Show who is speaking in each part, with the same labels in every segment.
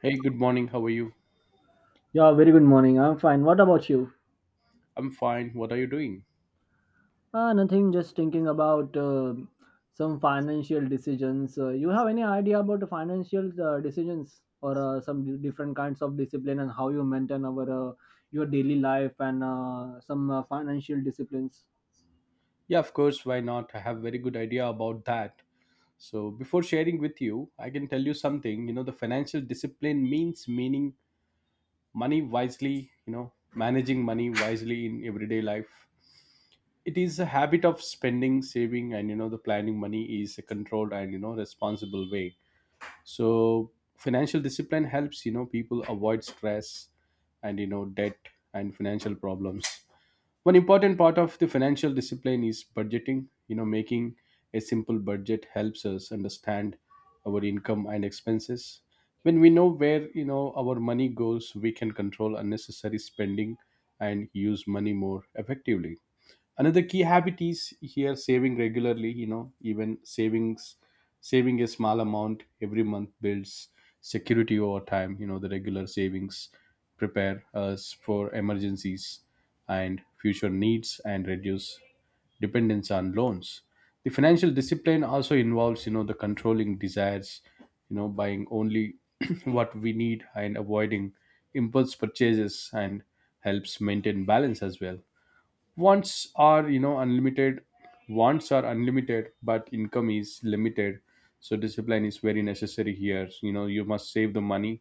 Speaker 1: Hey, good morning. How are you?
Speaker 2: Yeah, very good morning. I'm fine. What about you?
Speaker 1: I'm fine. What are you doing?
Speaker 2: Nothing, just thinking about some financial decisions. You have any idea about the financial decisions or some different kinds of discipline and how you maintain our your daily life and some financial disciplines?
Speaker 1: Yeah, of course. Why not? I have very good idea about that. So, before sharing with you, I can tell you something. You know, the financial discipline means meaning money wisely, you know, managing money wisely in everyday life. It is a habit of spending, saving, and, you know, the planning money is a controlled and, you know, responsible way. So, financial discipline helps, you know, people avoid stress and, you know, debt and financial problems. One important part of the financial discipline is budgeting. Making a simple budget helps us understand our income and expenses. When we know where, our money goes, we can control unnecessary spending and use money more effectively. Another key habit is here saving regularly, even savings, saving a small amount every month builds security over time. You know, the regular savings prepare us for emergencies and future needs and reduce dependence on loans. The financial discipline also involves, the controlling desires, buying only what we need and avoiding impulse purchases, and helps maintain balance as well. Wants are, unlimited. Wants are unlimited but income is limited, so discipline is very necessary here. You know, you must save the money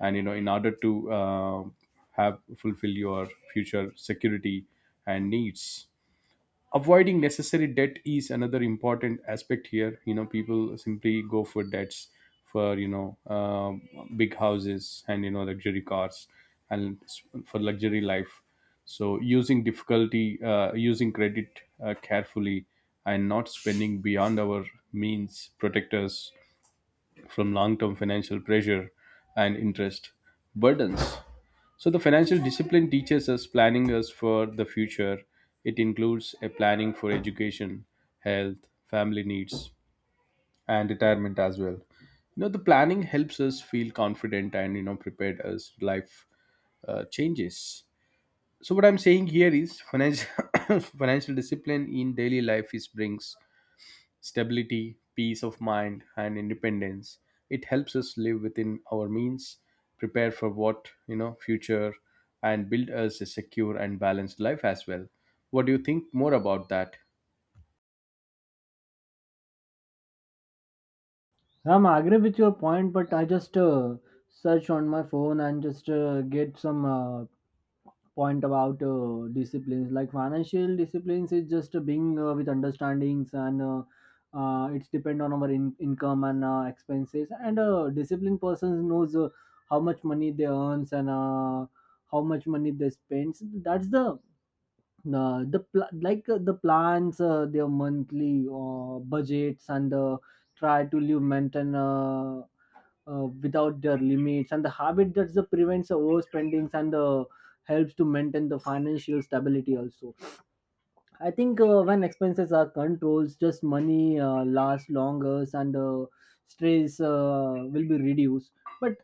Speaker 1: and, in order to have fulfill your future security and needs. Avoiding necessary debt is another important aspect here. People simply go for debts for, big houses and, luxury cars and for luxury life. So, using difficulty, using credit carefully and not spending beyond our means protect us from long term financial pressure and interest burdens. So, the financial discipline teaches us planning us for the future. It includes a planning for education, health, family needs, and retirement as well. You know, the planning helps us feel confident and, you know, prepared as life changes. So, what I'm saying here is financial financial discipline in daily life is brings stability, peace of mind, and independence. It helps us live within our means, prepare for what, you know, future, and build us a secure and balanced life as well. What do you think more about that?
Speaker 2: I'm agree with your point, but I just search on my phone and just get some point about disciplines like financial disciplines is just being with understandings and it's depend on our income and expenses, and a disciplined person knows how much money they earns and how much money they spends. That's the the, the pl- like uh, the plans their monthly budgets and try to live maintain without their limits, and the habit that the prevents the overspendings and the helps to maintain the financial stability also. I think when expenses are controlled, just money lasts longer and stress will be reduced. But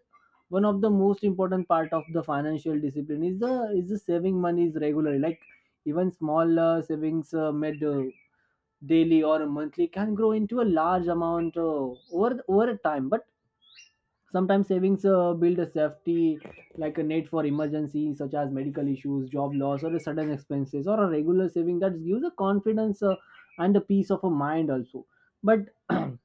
Speaker 2: one of the most important part of the financial discipline is the saving monies regularly, like even small savings made daily or monthly can grow into a large amount over time. But sometimes savings build a safety like a net for emergencies such as medical issues, job loss, or a sudden expenses, or a regular saving that gives a confidence and a peace of a mind also. But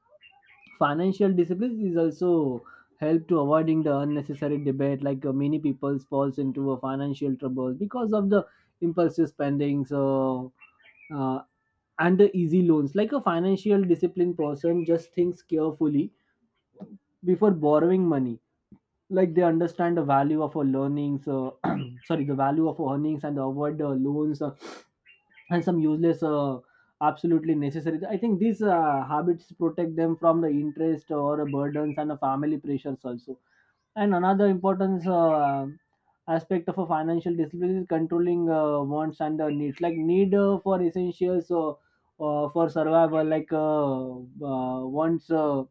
Speaker 2: financial discipline is also help to avoiding the unnecessary debate, like many people falls into a financial trouble because of the impulsive spendings uh, and the easy loans. Like a financial disciplined person just thinks carefully before borrowing money, like they understand the value of our learnings sorry, the value of our earnings, and avoid loans and some useless absolutely necessary. I think these habits protect them from the interest or burdens and the family pressures also. And another important aspect of a financial discipline is controlling wants and needs. Like need for essentials for survival, like wants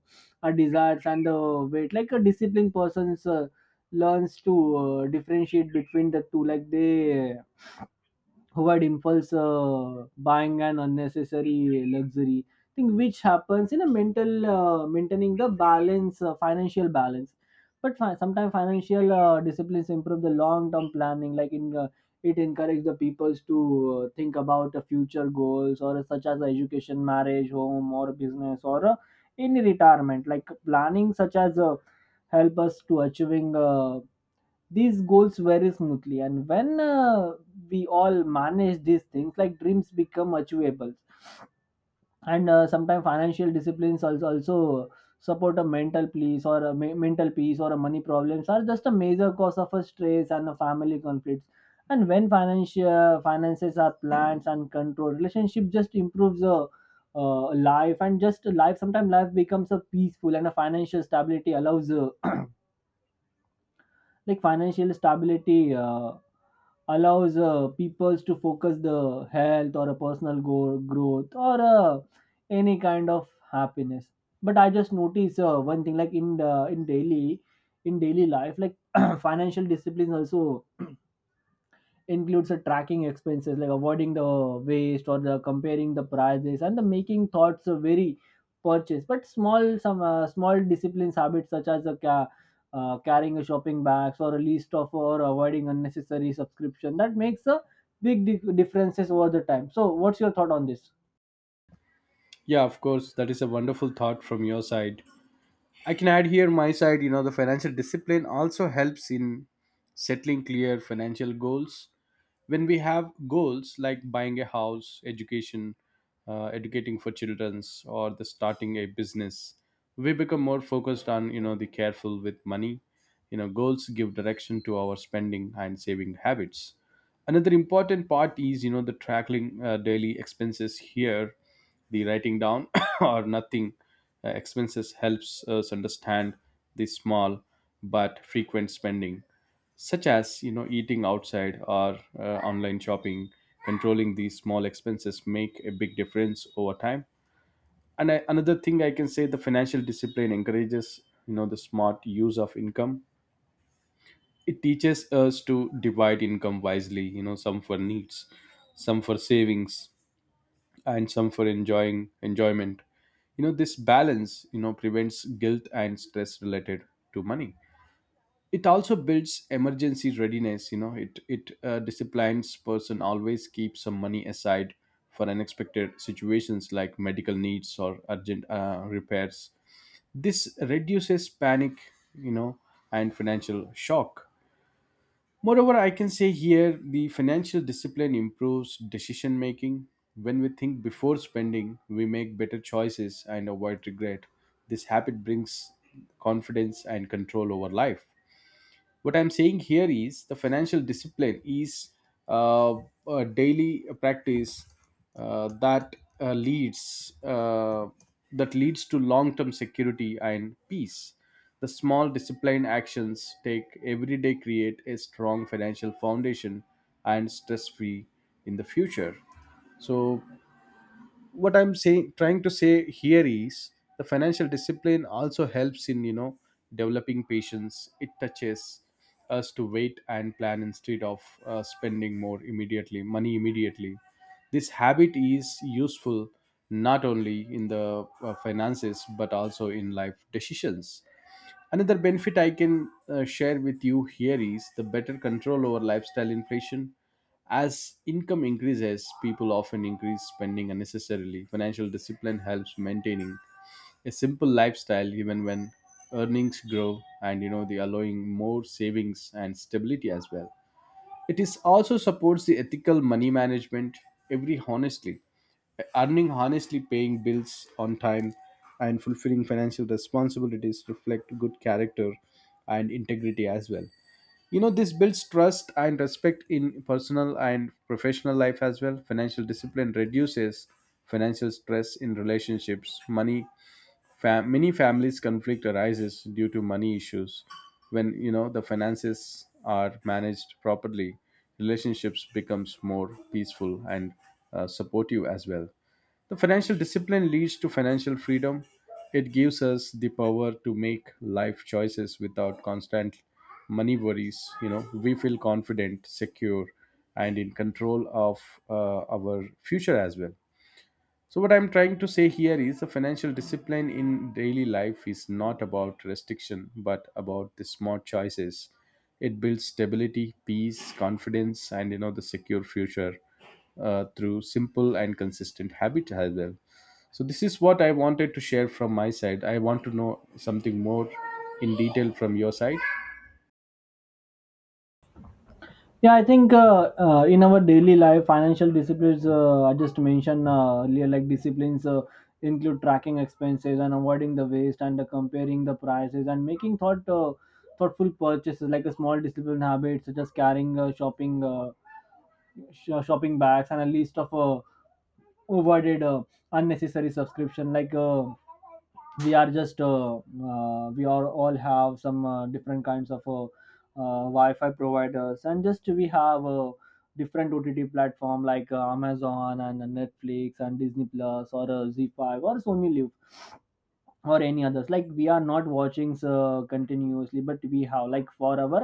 Speaker 2: are desires and weight. Like a disciplined person learns to differentiate between the two. Like they avoid impulse buying and unnecessary luxury thing, which happens in a mental maintaining the balance financial balance. But sometimes financial disciplines improve the long term planning, like in it encourages the peoples to think about the future goals or such as education, marriage, home, or business, or in retirement. Like planning such as help us to achieving these goals very smoothly, and when we all manage these things, like dreams become achievable. And sometimes financial disciplines also support a mental peace or a mental peace, or a money problems are just a major cause of a stress and a family conflicts. And when financial finances are planned and controlled, relationship just improves a life, and just life sometimes life becomes a peaceful, and a financial stability allows like financial stability allows people to focus the health or a personal growth or any kind of happiness. But I just notice one thing, like in daily life, like financial discipline also includes the tracking expenses, like avoiding the waste, or the comparing the prices and the making thoughts of very purchase. But small some small disciplines habits, such as a carrying a shopping bags or a list of, or avoiding unnecessary subscription, that makes a big differences over the time. So what's your thought on this?
Speaker 1: Yeah, of course, that is a wonderful thought from your side. I can add here my side. You know, the financial discipline also helps in settling clear financial goals. When we have goals like buying a house, education, educating for children's, or the starting a business, we become more focused on, you know, the careful with money. You know, goals give direction to our spending and saving habits. Another important part is, you know, the tracking daily expenses here. The writing down or nothing expenses helps us understand the small but frequent spending, such as, you know, eating outside or online shopping. Controlling these small expenses make a big difference over time. And another thing I can say, the financial discipline encourages, you know, the smart use of income. It teaches us to divide income wisely, you know, some for needs, some for savings, and some for enjoying enjoyment. You know, this balance, you know, prevents guilt and stress related to money. It also builds emergency readiness. It disciplines person always keeps some money aside for unexpected situations like medical needs or urgent repairs. This reduces panic, you know, and financial shock. Moreover, I can say here the financial discipline improves decision making. When we think before spending, we make better choices and avoid regret. This habit brings confidence and control over life. What I'm saying here is the financial discipline is uh, a daily practice uh, that uh, leads uh, that leads to long-term security and peace. The small disciplined actions take every day create a strong financial foundation and stress-free in the future. So, what I'm saying trying to say here is the financial discipline also helps in, you know, developing patience. It touches us to wait and plan instead of spending more immediately money immediately. This habit is useful not only in the finances but also in life decisions. Another benefit I can share with you here is the better control over lifestyle inflation. As income increases, people often increase spending unnecessarily. Financial discipline helps maintaining a simple lifestyle even when earnings grow, and, you know, the allowing more savings and stability as well. It is also supports the ethical money management. Every Honestly earning, honestly paying bills on time, and fulfilling financial responsibilities reflect good character and integrity as well. You know, this builds trust and respect in personal and professional life as well. Financial discipline reduces financial stress in relationships. Many families conflict arises due to money issues. When, you know, the finances are managed properly, relationships becomes more peaceful and supportive as well. The financial discipline leads to financial freedom. It gives us the power to make life choices without constant money worries. You know, we feel confident, secure, and in control of our future as well. So, what I'm trying to say here is the financial discipline in daily life is not about restriction, but about the smart choices. It builds stability, peace, confidence, and, you know, the secure future through simple and consistent habits as well. So, this is what I wanted to share from my side. I want to know something more in detail from your side.
Speaker 2: Yeah, I think in our daily life, financial disciplines, I just mentioned earlier, like disciplines include tracking expenses and avoiding the waste, and comparing the prices and making thought thoughtful purchases, like a small discipline habit, such as carrying shopping shopping bags and a list of avoided unnecessary subscription, like we are just we are all have some different kinds of Wi-Fi providers, and just we have different OTT platform, like Amazon and Netflix and Disney Plus or Z5 or Sony Live or any others. Like we are not watching continuously, but we have, like, for our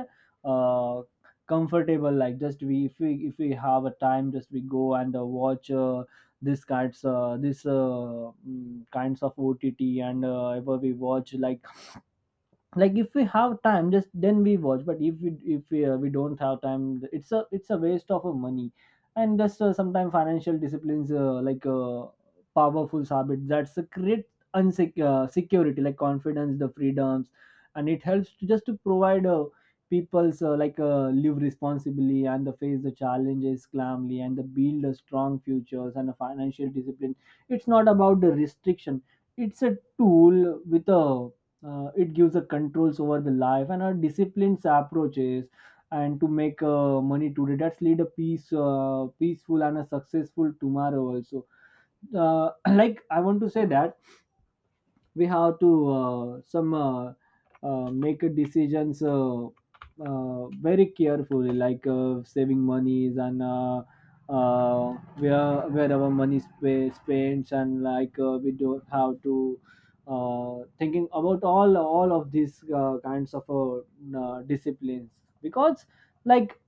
Speaker 2: uh, comfortable, like just we, if we if we have a time, just we go and watch this kinds kinds of OTT, and ever we watch, like if we have time, just then we watch. But if we we don't have time, it's a waste of money. And just sometimes financial disciplines like powerful habits, that's a create unsec security, like confidence, the freedoms, and it helps to just to provide people's like live responsibly, and the face the challenges calmly, and the build a strong futures. And a financial discipline, it's not about the restriction, it's a tool with a it gives a controls over the life, and a disciplined approaches and to make money today, that's lead a peace peaceful and a successful tomorrow also. Like I want to say that we have to some make decisions very carefully, like saving monies and uh, where our money spends, and like we don't have to thinking about all of these kinds of disciplines, because like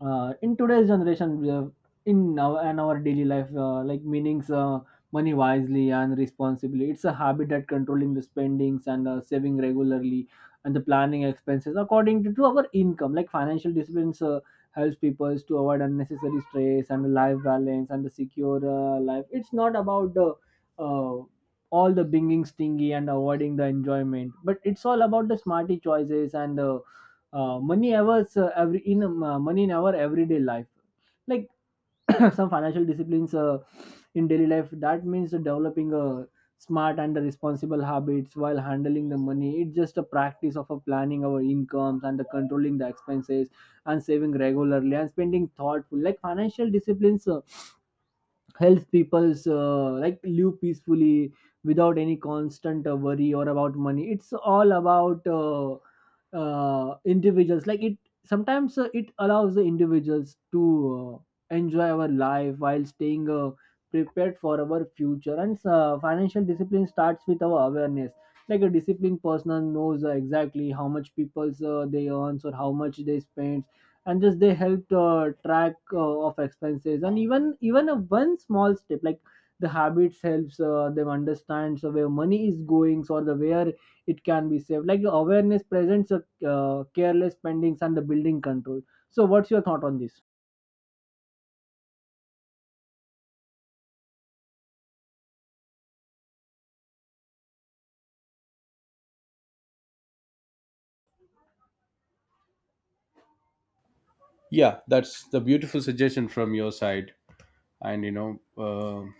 Speaker 2: in today's generation we have in our and our daily life like meanings money wisely and responsibly. It's a habit that controlling the spendings, and saving regularly, and the planning expenses according to our income. Like financial disciplines helps people to avoid unnecessary stress and life balance and the secure life. It's not about the uh, all the binging stingy and avoiding the enjoyment, but it's all about the smarty choices, and money hours every in money in our everyday life. Like some financial disciplines in daily life, that means developing a smart and responsible habits while handling the money. It's just a practice of planning our incomes and the controlling the expenses and saving regularly and spending thoughtful. Like financial disciplines helps people like live peacefully without any constant worry or about money. It's all about individuals, like it sometimes it allows the individuals to enjoy our life while staying prepared for our future. And financial discipline starts with our awareness. Like a disciplined person knows exactly how much people they earns or how much they spend, and just they helped track of expenses. And even even a one small step, like the habits helps them understand so where money is going or the where it can be saved. Like awareness presents a careless spendings and the building control. So what's your thought on this?
Speaker 1: Yeah, that's the beautiful suggestion from your side, and you know. um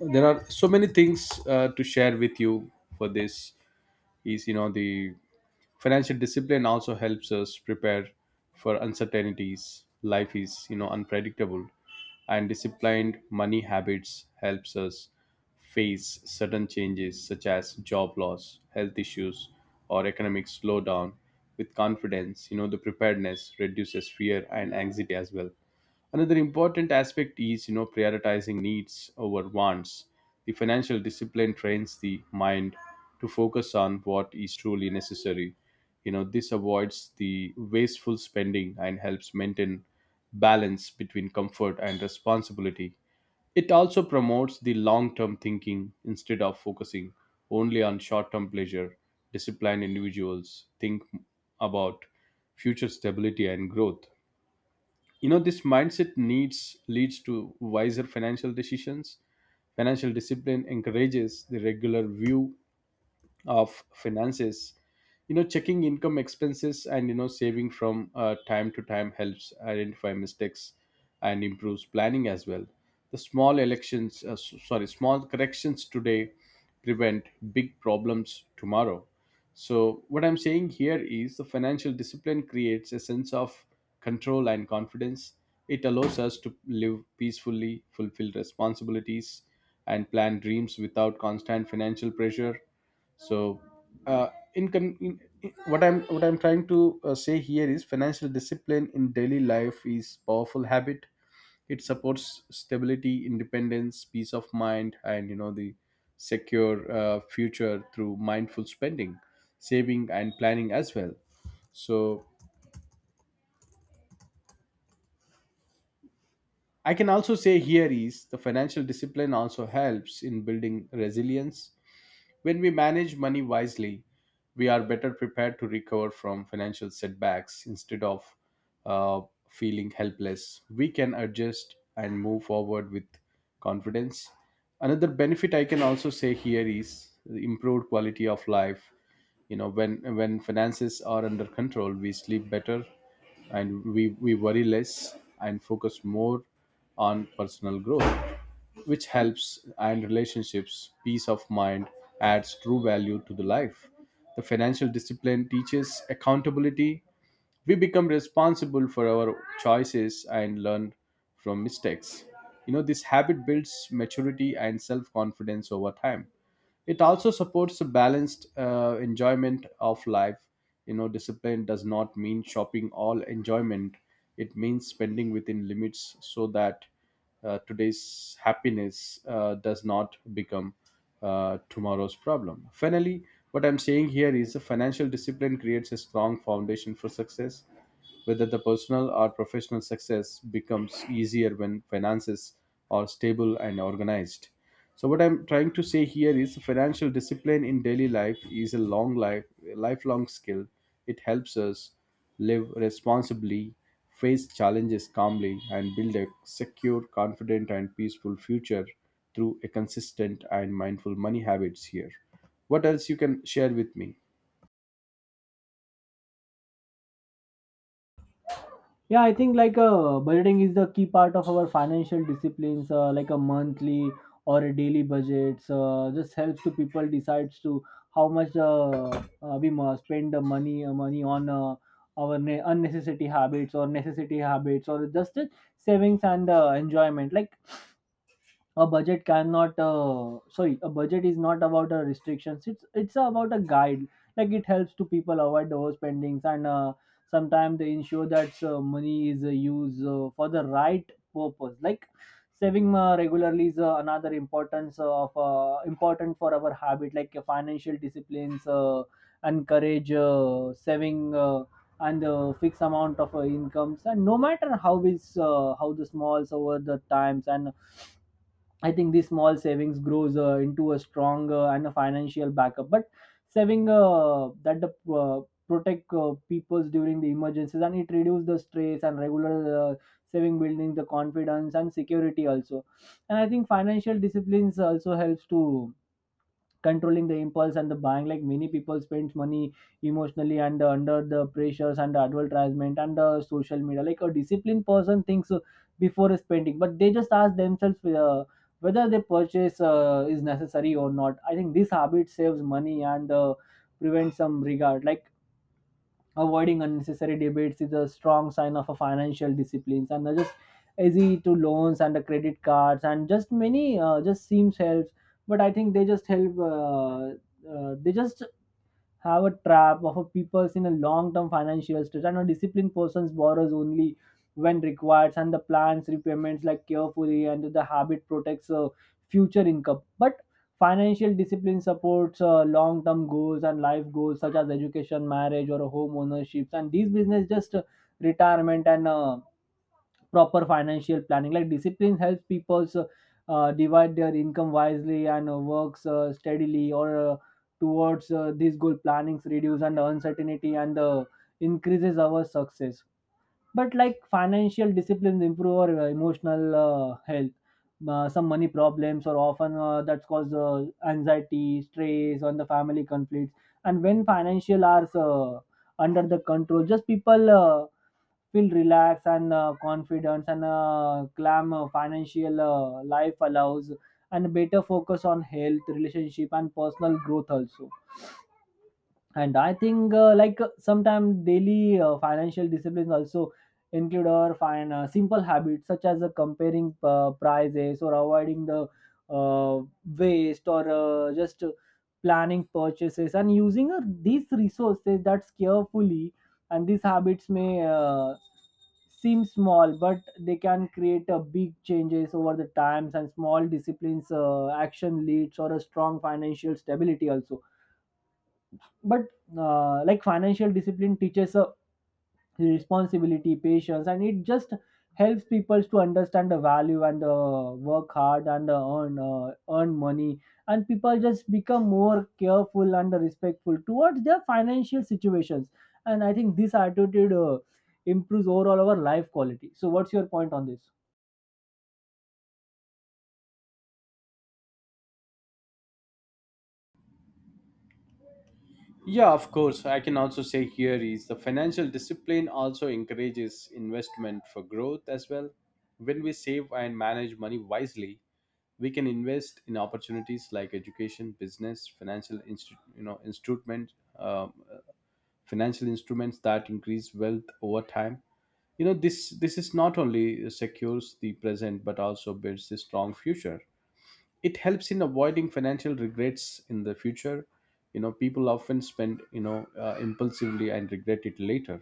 Speaker 1: there are so many things to share with you for this is, you know, the financial discipline also helps us prepare for uncertainties. Life is, you know, unpredictable, and disciplined money habits helps us face sudden changes such as job loss, health issues, or economic slowdown with confidence. You know, the preparedness reduces fear and anxiety as well. Another important aspect is, you know, prioritizing needs over wants. The financial discipline trains the mind to focus on what is truly necessary. You know, this avoids the wasteful spending and helps maintain balance between comfort and responsibility. It also promotes the long term thinking instead of focusing only on short term pleasure. Disciplined individuals think about future stability and growth. You know, this mindset needs leads to wiser financial decisions. Financial discipline encourages the regular view of finances, you know, checking income, expenses, and, you know, saving from time to time helps identify mistakes and improves planning as well. The small elections s- sorry small corrections today prevent big problems tomorrow. So, what I'm saying here is the financial discipline creates a sense of control and confidence. It allows us to live peacefully, fulfill responsibilities, and plan dreams without constant financial pressure. So, in, con- in what I'm trying to say here is financial discipline in daily life is powerful habit. It supports stability, independence, peace of mind, and, you know, the secure future through mindful spending, saving, and planning as well. So, I can also say here is the financial discipline also helps in building resilience. When we manage money wisely, we are better prepared to recover from financial setbacks instead of uh, feeling helpless. We can adjust and move forward with confidence. Another benefit I can also say here is the improved quality of life. You know, when finances are under control, we sleep better, and we worry less and focus more on personal growth, which helps, and relationships. Peace of mind adds true value to the life. The financial discipline teaches accountability. We become responsible for our choices and learn from mistakes. You know, this habit builds maturity and self confidence over time. It also supports a balanced enjoyment of life. You know, discipline does not mean shopping all enjoyment. It means spending within limits, so that today's happiness does not become tomorrow's problem. Finally, what I'm saying here is the financial discipline creates a strong foundation for success, whether the personal or professional success becomes easier when finances are stable and organized. So, what I'm trying to say here is financial discipline in daily life is a long life lifelong skill. It helps us live responsibly, face challenges calmly, and build a secure, confident, and peaceful future through a consistent and mindful money habits here. What else you can share with me?
Speaker 2: Yeah, I think like budgeting is the key part of our financial disciplines, like a monthly or a daily budgets just helps to people decides to how much we must spend the money money on our unnecessary habits or necessity habits, or just savings and enjoyment. Like a budget cannot sorry, a budget is not about restrictions, it's about a guide. Like it helps to people avoid overspendings, and sometimes they ensure that money is used for the right purpose. Like saving regularly is another importance of important for our habit. Like financial disciplines encourage saving and fixed amount of incomes, and no matter how is how the smalls over the times. And I think these small savings grows into a strong and a financial backup. But saving that the protect peoples during the emergencies, and it reduces the stress, and regular saving building the confidence and security also. And I think financial disciplines also helps to controlling the impulse and the buying. Like many people spend money emotionally and under the pressures and advertisement and social media. Like a disciplined person thinks before spending, but they just ask themselves whether they purchase is necessary or not. I think this habit saves money and prevents some regard. Like avoiding unnecessary debates is a strong sign of a financial disciplines, and they're just easy to loans and the credit cards, and just many just seems helps. But I think they just help. They just have a trap of a people's in a long-term financial stress, and a disciplined person borrows only when required and the plans repayments like carefully, and the habit protects future income. But financial discipline supports long-term goals and life goals such as education, marriage, or home ownerships, and these business just retirement and proper financial planning. Like discipline helps people divide their income wisely and works steadily or towards these goal plannings, reduce and the uncertainty and increases our success. But like financial disciplines improve our emotional health. Some money problems or often that's cause anxiety, stress on the family, conflicts. And when financial are under the control, just people feel relaxed and confidence and clam financial life allows and better focus on health, relationship, and personal growth also. And I think sometimes daily financial disciplines also include our fine simple habits such as comparing prices or avoiding the uh, waste or just planning purchases and using these resources that's carefully. And these habits may seem small, but they can create a big changes over the times, and small disciplines action leads or a strong financial stability also. But like Financial discipline teaches a responsibility, patience, and it just helps people to understand the value and the work hard and the earn money, and people just become more careful and respectful towards their financial situations. And I think this attitude improves overall our life quality. So what's your point on this?
Speaker 1: Yeah, of course. I can also say here is the financial discipline also encourages investment for growth as well. When we save and manage money wisely, we can invest in opportunities like education, business, financial instru- you know instrument, um, uh, financial instruments that increase wealth over time. This is not only secures the present but also builds a strong future. It helps in avoiding financial regrets in the future. People often spend impulsively and regret it later.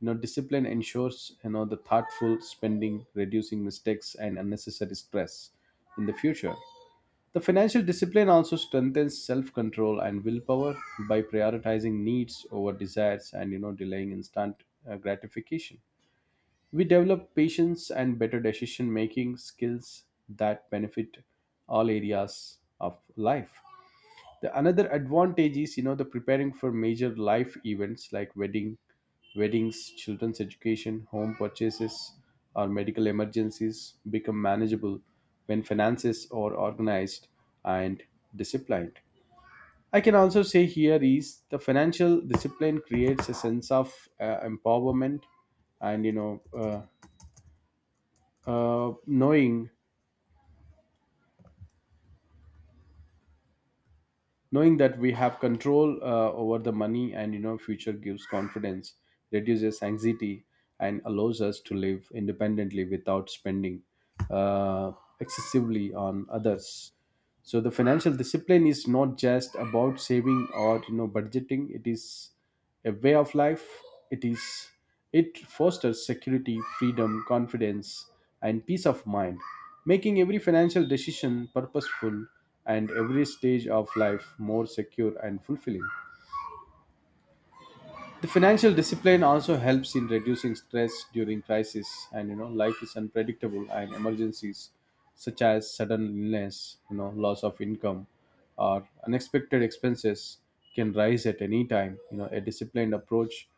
Speaker 1: Discipline ensures the thoughtful spending, reducing mistakes and unnecessary stress in the future. The financial discipline also strengthens self-control and willpower by prioritizing needs over desires and delaying instant gratification. We develop patience and better decision making skills that benefit all areas of life. The another advantage is the preparing for major life events like weddings, children's education, home purchases, or medical emergencies become manageable when finances are organized and disciplined. I can also say here is the financial discipline creates a sense of empowerment and uh, knowing knowing that we have control over the money and future gives confidence, reduces anxiety, and allows us to live independently without spending uh, excessively on others. So the financial discipline is not just about saving or budgeting. It is a way of life. It is it fosters security, freedom, confidence, and peace of mind, making every financial decision purposeful and every stage of life more secure and fulfilling. The financial discipline also helps in reducing stress during crisis. Life is unpredictable, and emergencies such as sudden illness, loss of income, or unexpected expenses can rise at any time. A disciplined approach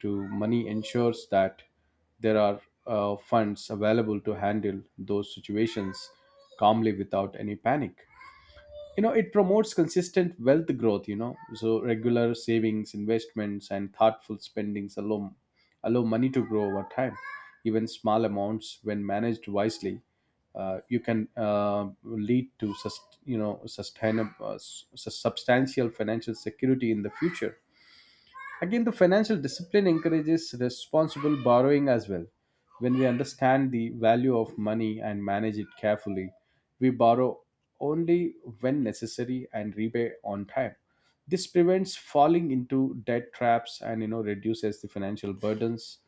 Speaker 1: to money ensures that there are funds available to handle those situations calmly without any panic. It promotes consistent wealth growth. So regular savings, investments, and thoughtful spendings allow money to grow over time. Even small amounts, when managed wisely, you can lead to sustainable substantial financial security in the future. Again, the financial discipline encourages responsible borrowing as well. When we understand the value of money and manage it carefully, we borrow only when necessary and repay on time. This prevents falling into debt traps and reduces the financial burdens.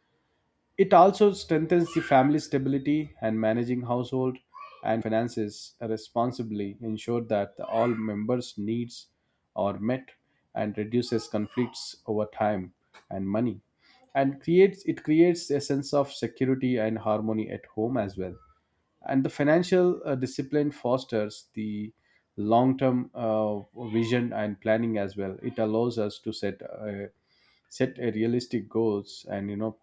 Speaker 1: It also strengthens the family stability, and managing household and finances responsibly ensure that the all members' needs are met and reduces conflicts over time and money. And creates it creates a sense of security and harmony at home as well. And the financial discipline fosters the long-term vision and planning as well. It allows us to set a realistic goals and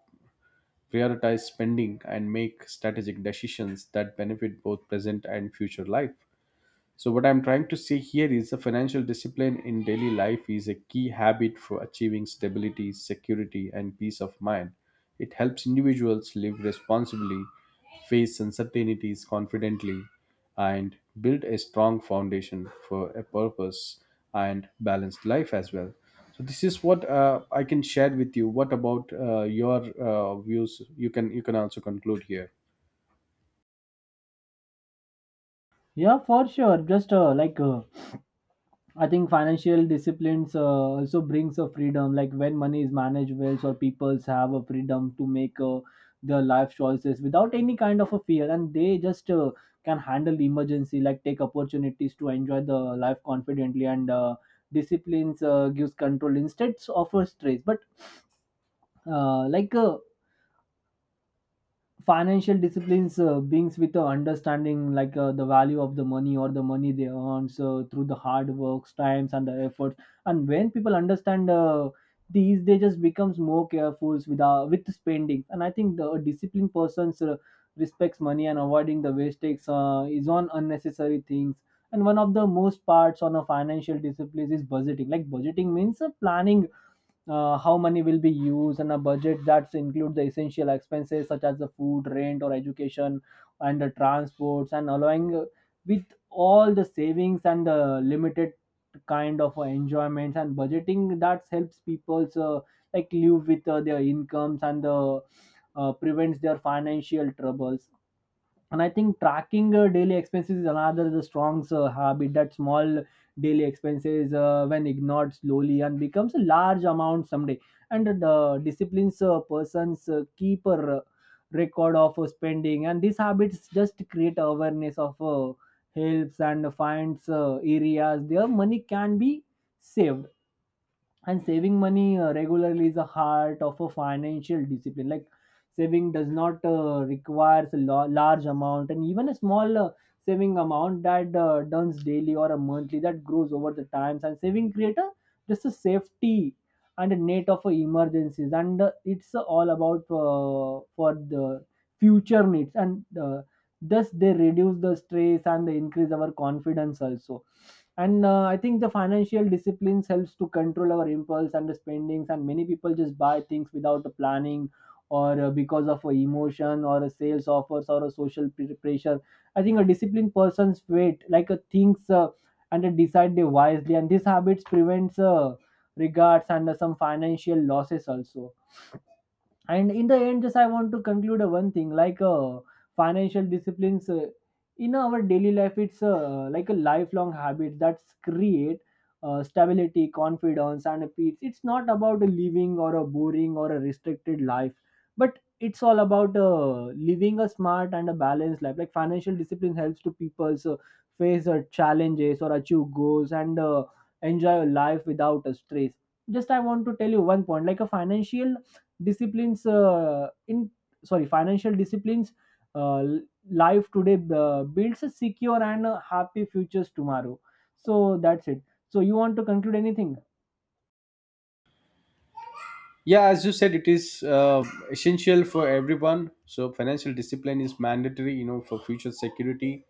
Speaker 1: prioritize spending, and make strategic decisions that benefit both present and future life. So, what I'm trying to say here is the financial discipline in daily life is a key habit for achieving stability, security, and peace of mind. It helps individuals live responsibly, face uncertainties confidently, and build a strong foundation for a purpose and balanced life as well. So, this is what I can share with you. What about your views? You can also conclude here.
Speaker 2: Yeah, for sure. just like I think financial disciplines also brings a freedom. Like when money is managed well, so peoples have a freedom to make their life choices without any kind of a fear, and they just can handle the emergency, like take opportunities to enjoy the life confidently. And Disciplines gives control instead of a stress. But like Financial disciplines brings with the understanding like the value of the money or the money they earn, so through the hard works times and the efforts. And when people understand these, they just becomes more careful with spending. And I think the disciplined persons respects money and avoiding the wastage is on unnecessary things. And one of the most parts on a financial discipline is budgeting. Like budgeting means planning how money will be used, and a budget that includes the essential expenses such as the food, rent, or education and the transports and allowing with all the savings and the limited kind of enjoyments, and budgeting that helps people like live with their incomes and prevents their financial troubles. And I think tracking daily expenses is another the strong habit, that small daily expenses when ignored slowly and becomes a large amount someday. And the disciplines persons keep a record of spending, and these habits just create awareness of helps and finds areas their money can be saved. And saving money regularly is the heart of a financial discipline. Like saving does not requires a large amount, and even a small saving amount that does daily or a monthly that grows over the times, and saving create a just a safety and a net of emergencies, and it's all about for the future needs, and thus they reduce the stress and they increase our confidence also. And I think the financial disciplines helps to control our impulse and the spendings, and many people just buy things without the planning or because of a emotion or a sales offers or a social pressure. I think a disciplined person's wait, like a thinks and they decide they wisely, and these habits prevents regards and some financial losses also. And in the end, just I want to conclude one thing, like financial disciplines in our daily life, it's like a lifelong habit that's create stability, confidence, and a peace. It's not about a living or a boring or a restricted life, but it's all about living a smart and a balanced life. Like financial discipline helps to people, so face challenges or achieve goals and enjoy a life without a stress. Just I want to tell you one point, like a financial disciplines in sorry financial disciplines uh, life today builds a secure and happy futures tomorrow. So that's it. So you want to conclude anything?
Speaker 1: Yeah, as you said, it is essential for everyone. So financial discipline is mandatory, you know, for future security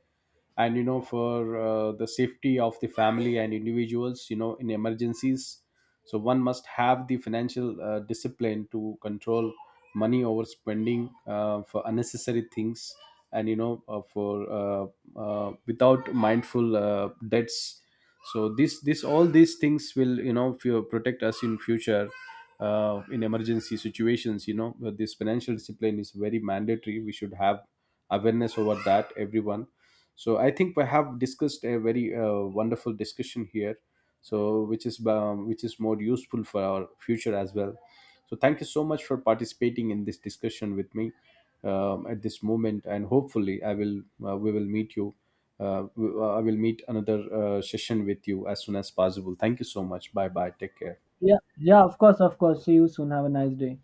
Speaker 1: and for the safety of the family and individuals, in emergencies. So one must have the financial discipline to control money over spending for unnecessary things and for without mindful debts. So this all these things will protect us in future, in emergency situations. But this financial discipline is very mandatory. We should have awareness over that, everyone. So I think we have discussed a very wonderful discussion here, so which is which is more useful for our future as well. So thank you so much for participating in this discussion with me at this moment. And hopefully I will we will meet you. Uh, we- i will meet another session with you as soon as possible. Thank you so much. Bye bye, take care.
Speaker 2: Yeah, yeah, of course, of course. See you soon, have a nice day.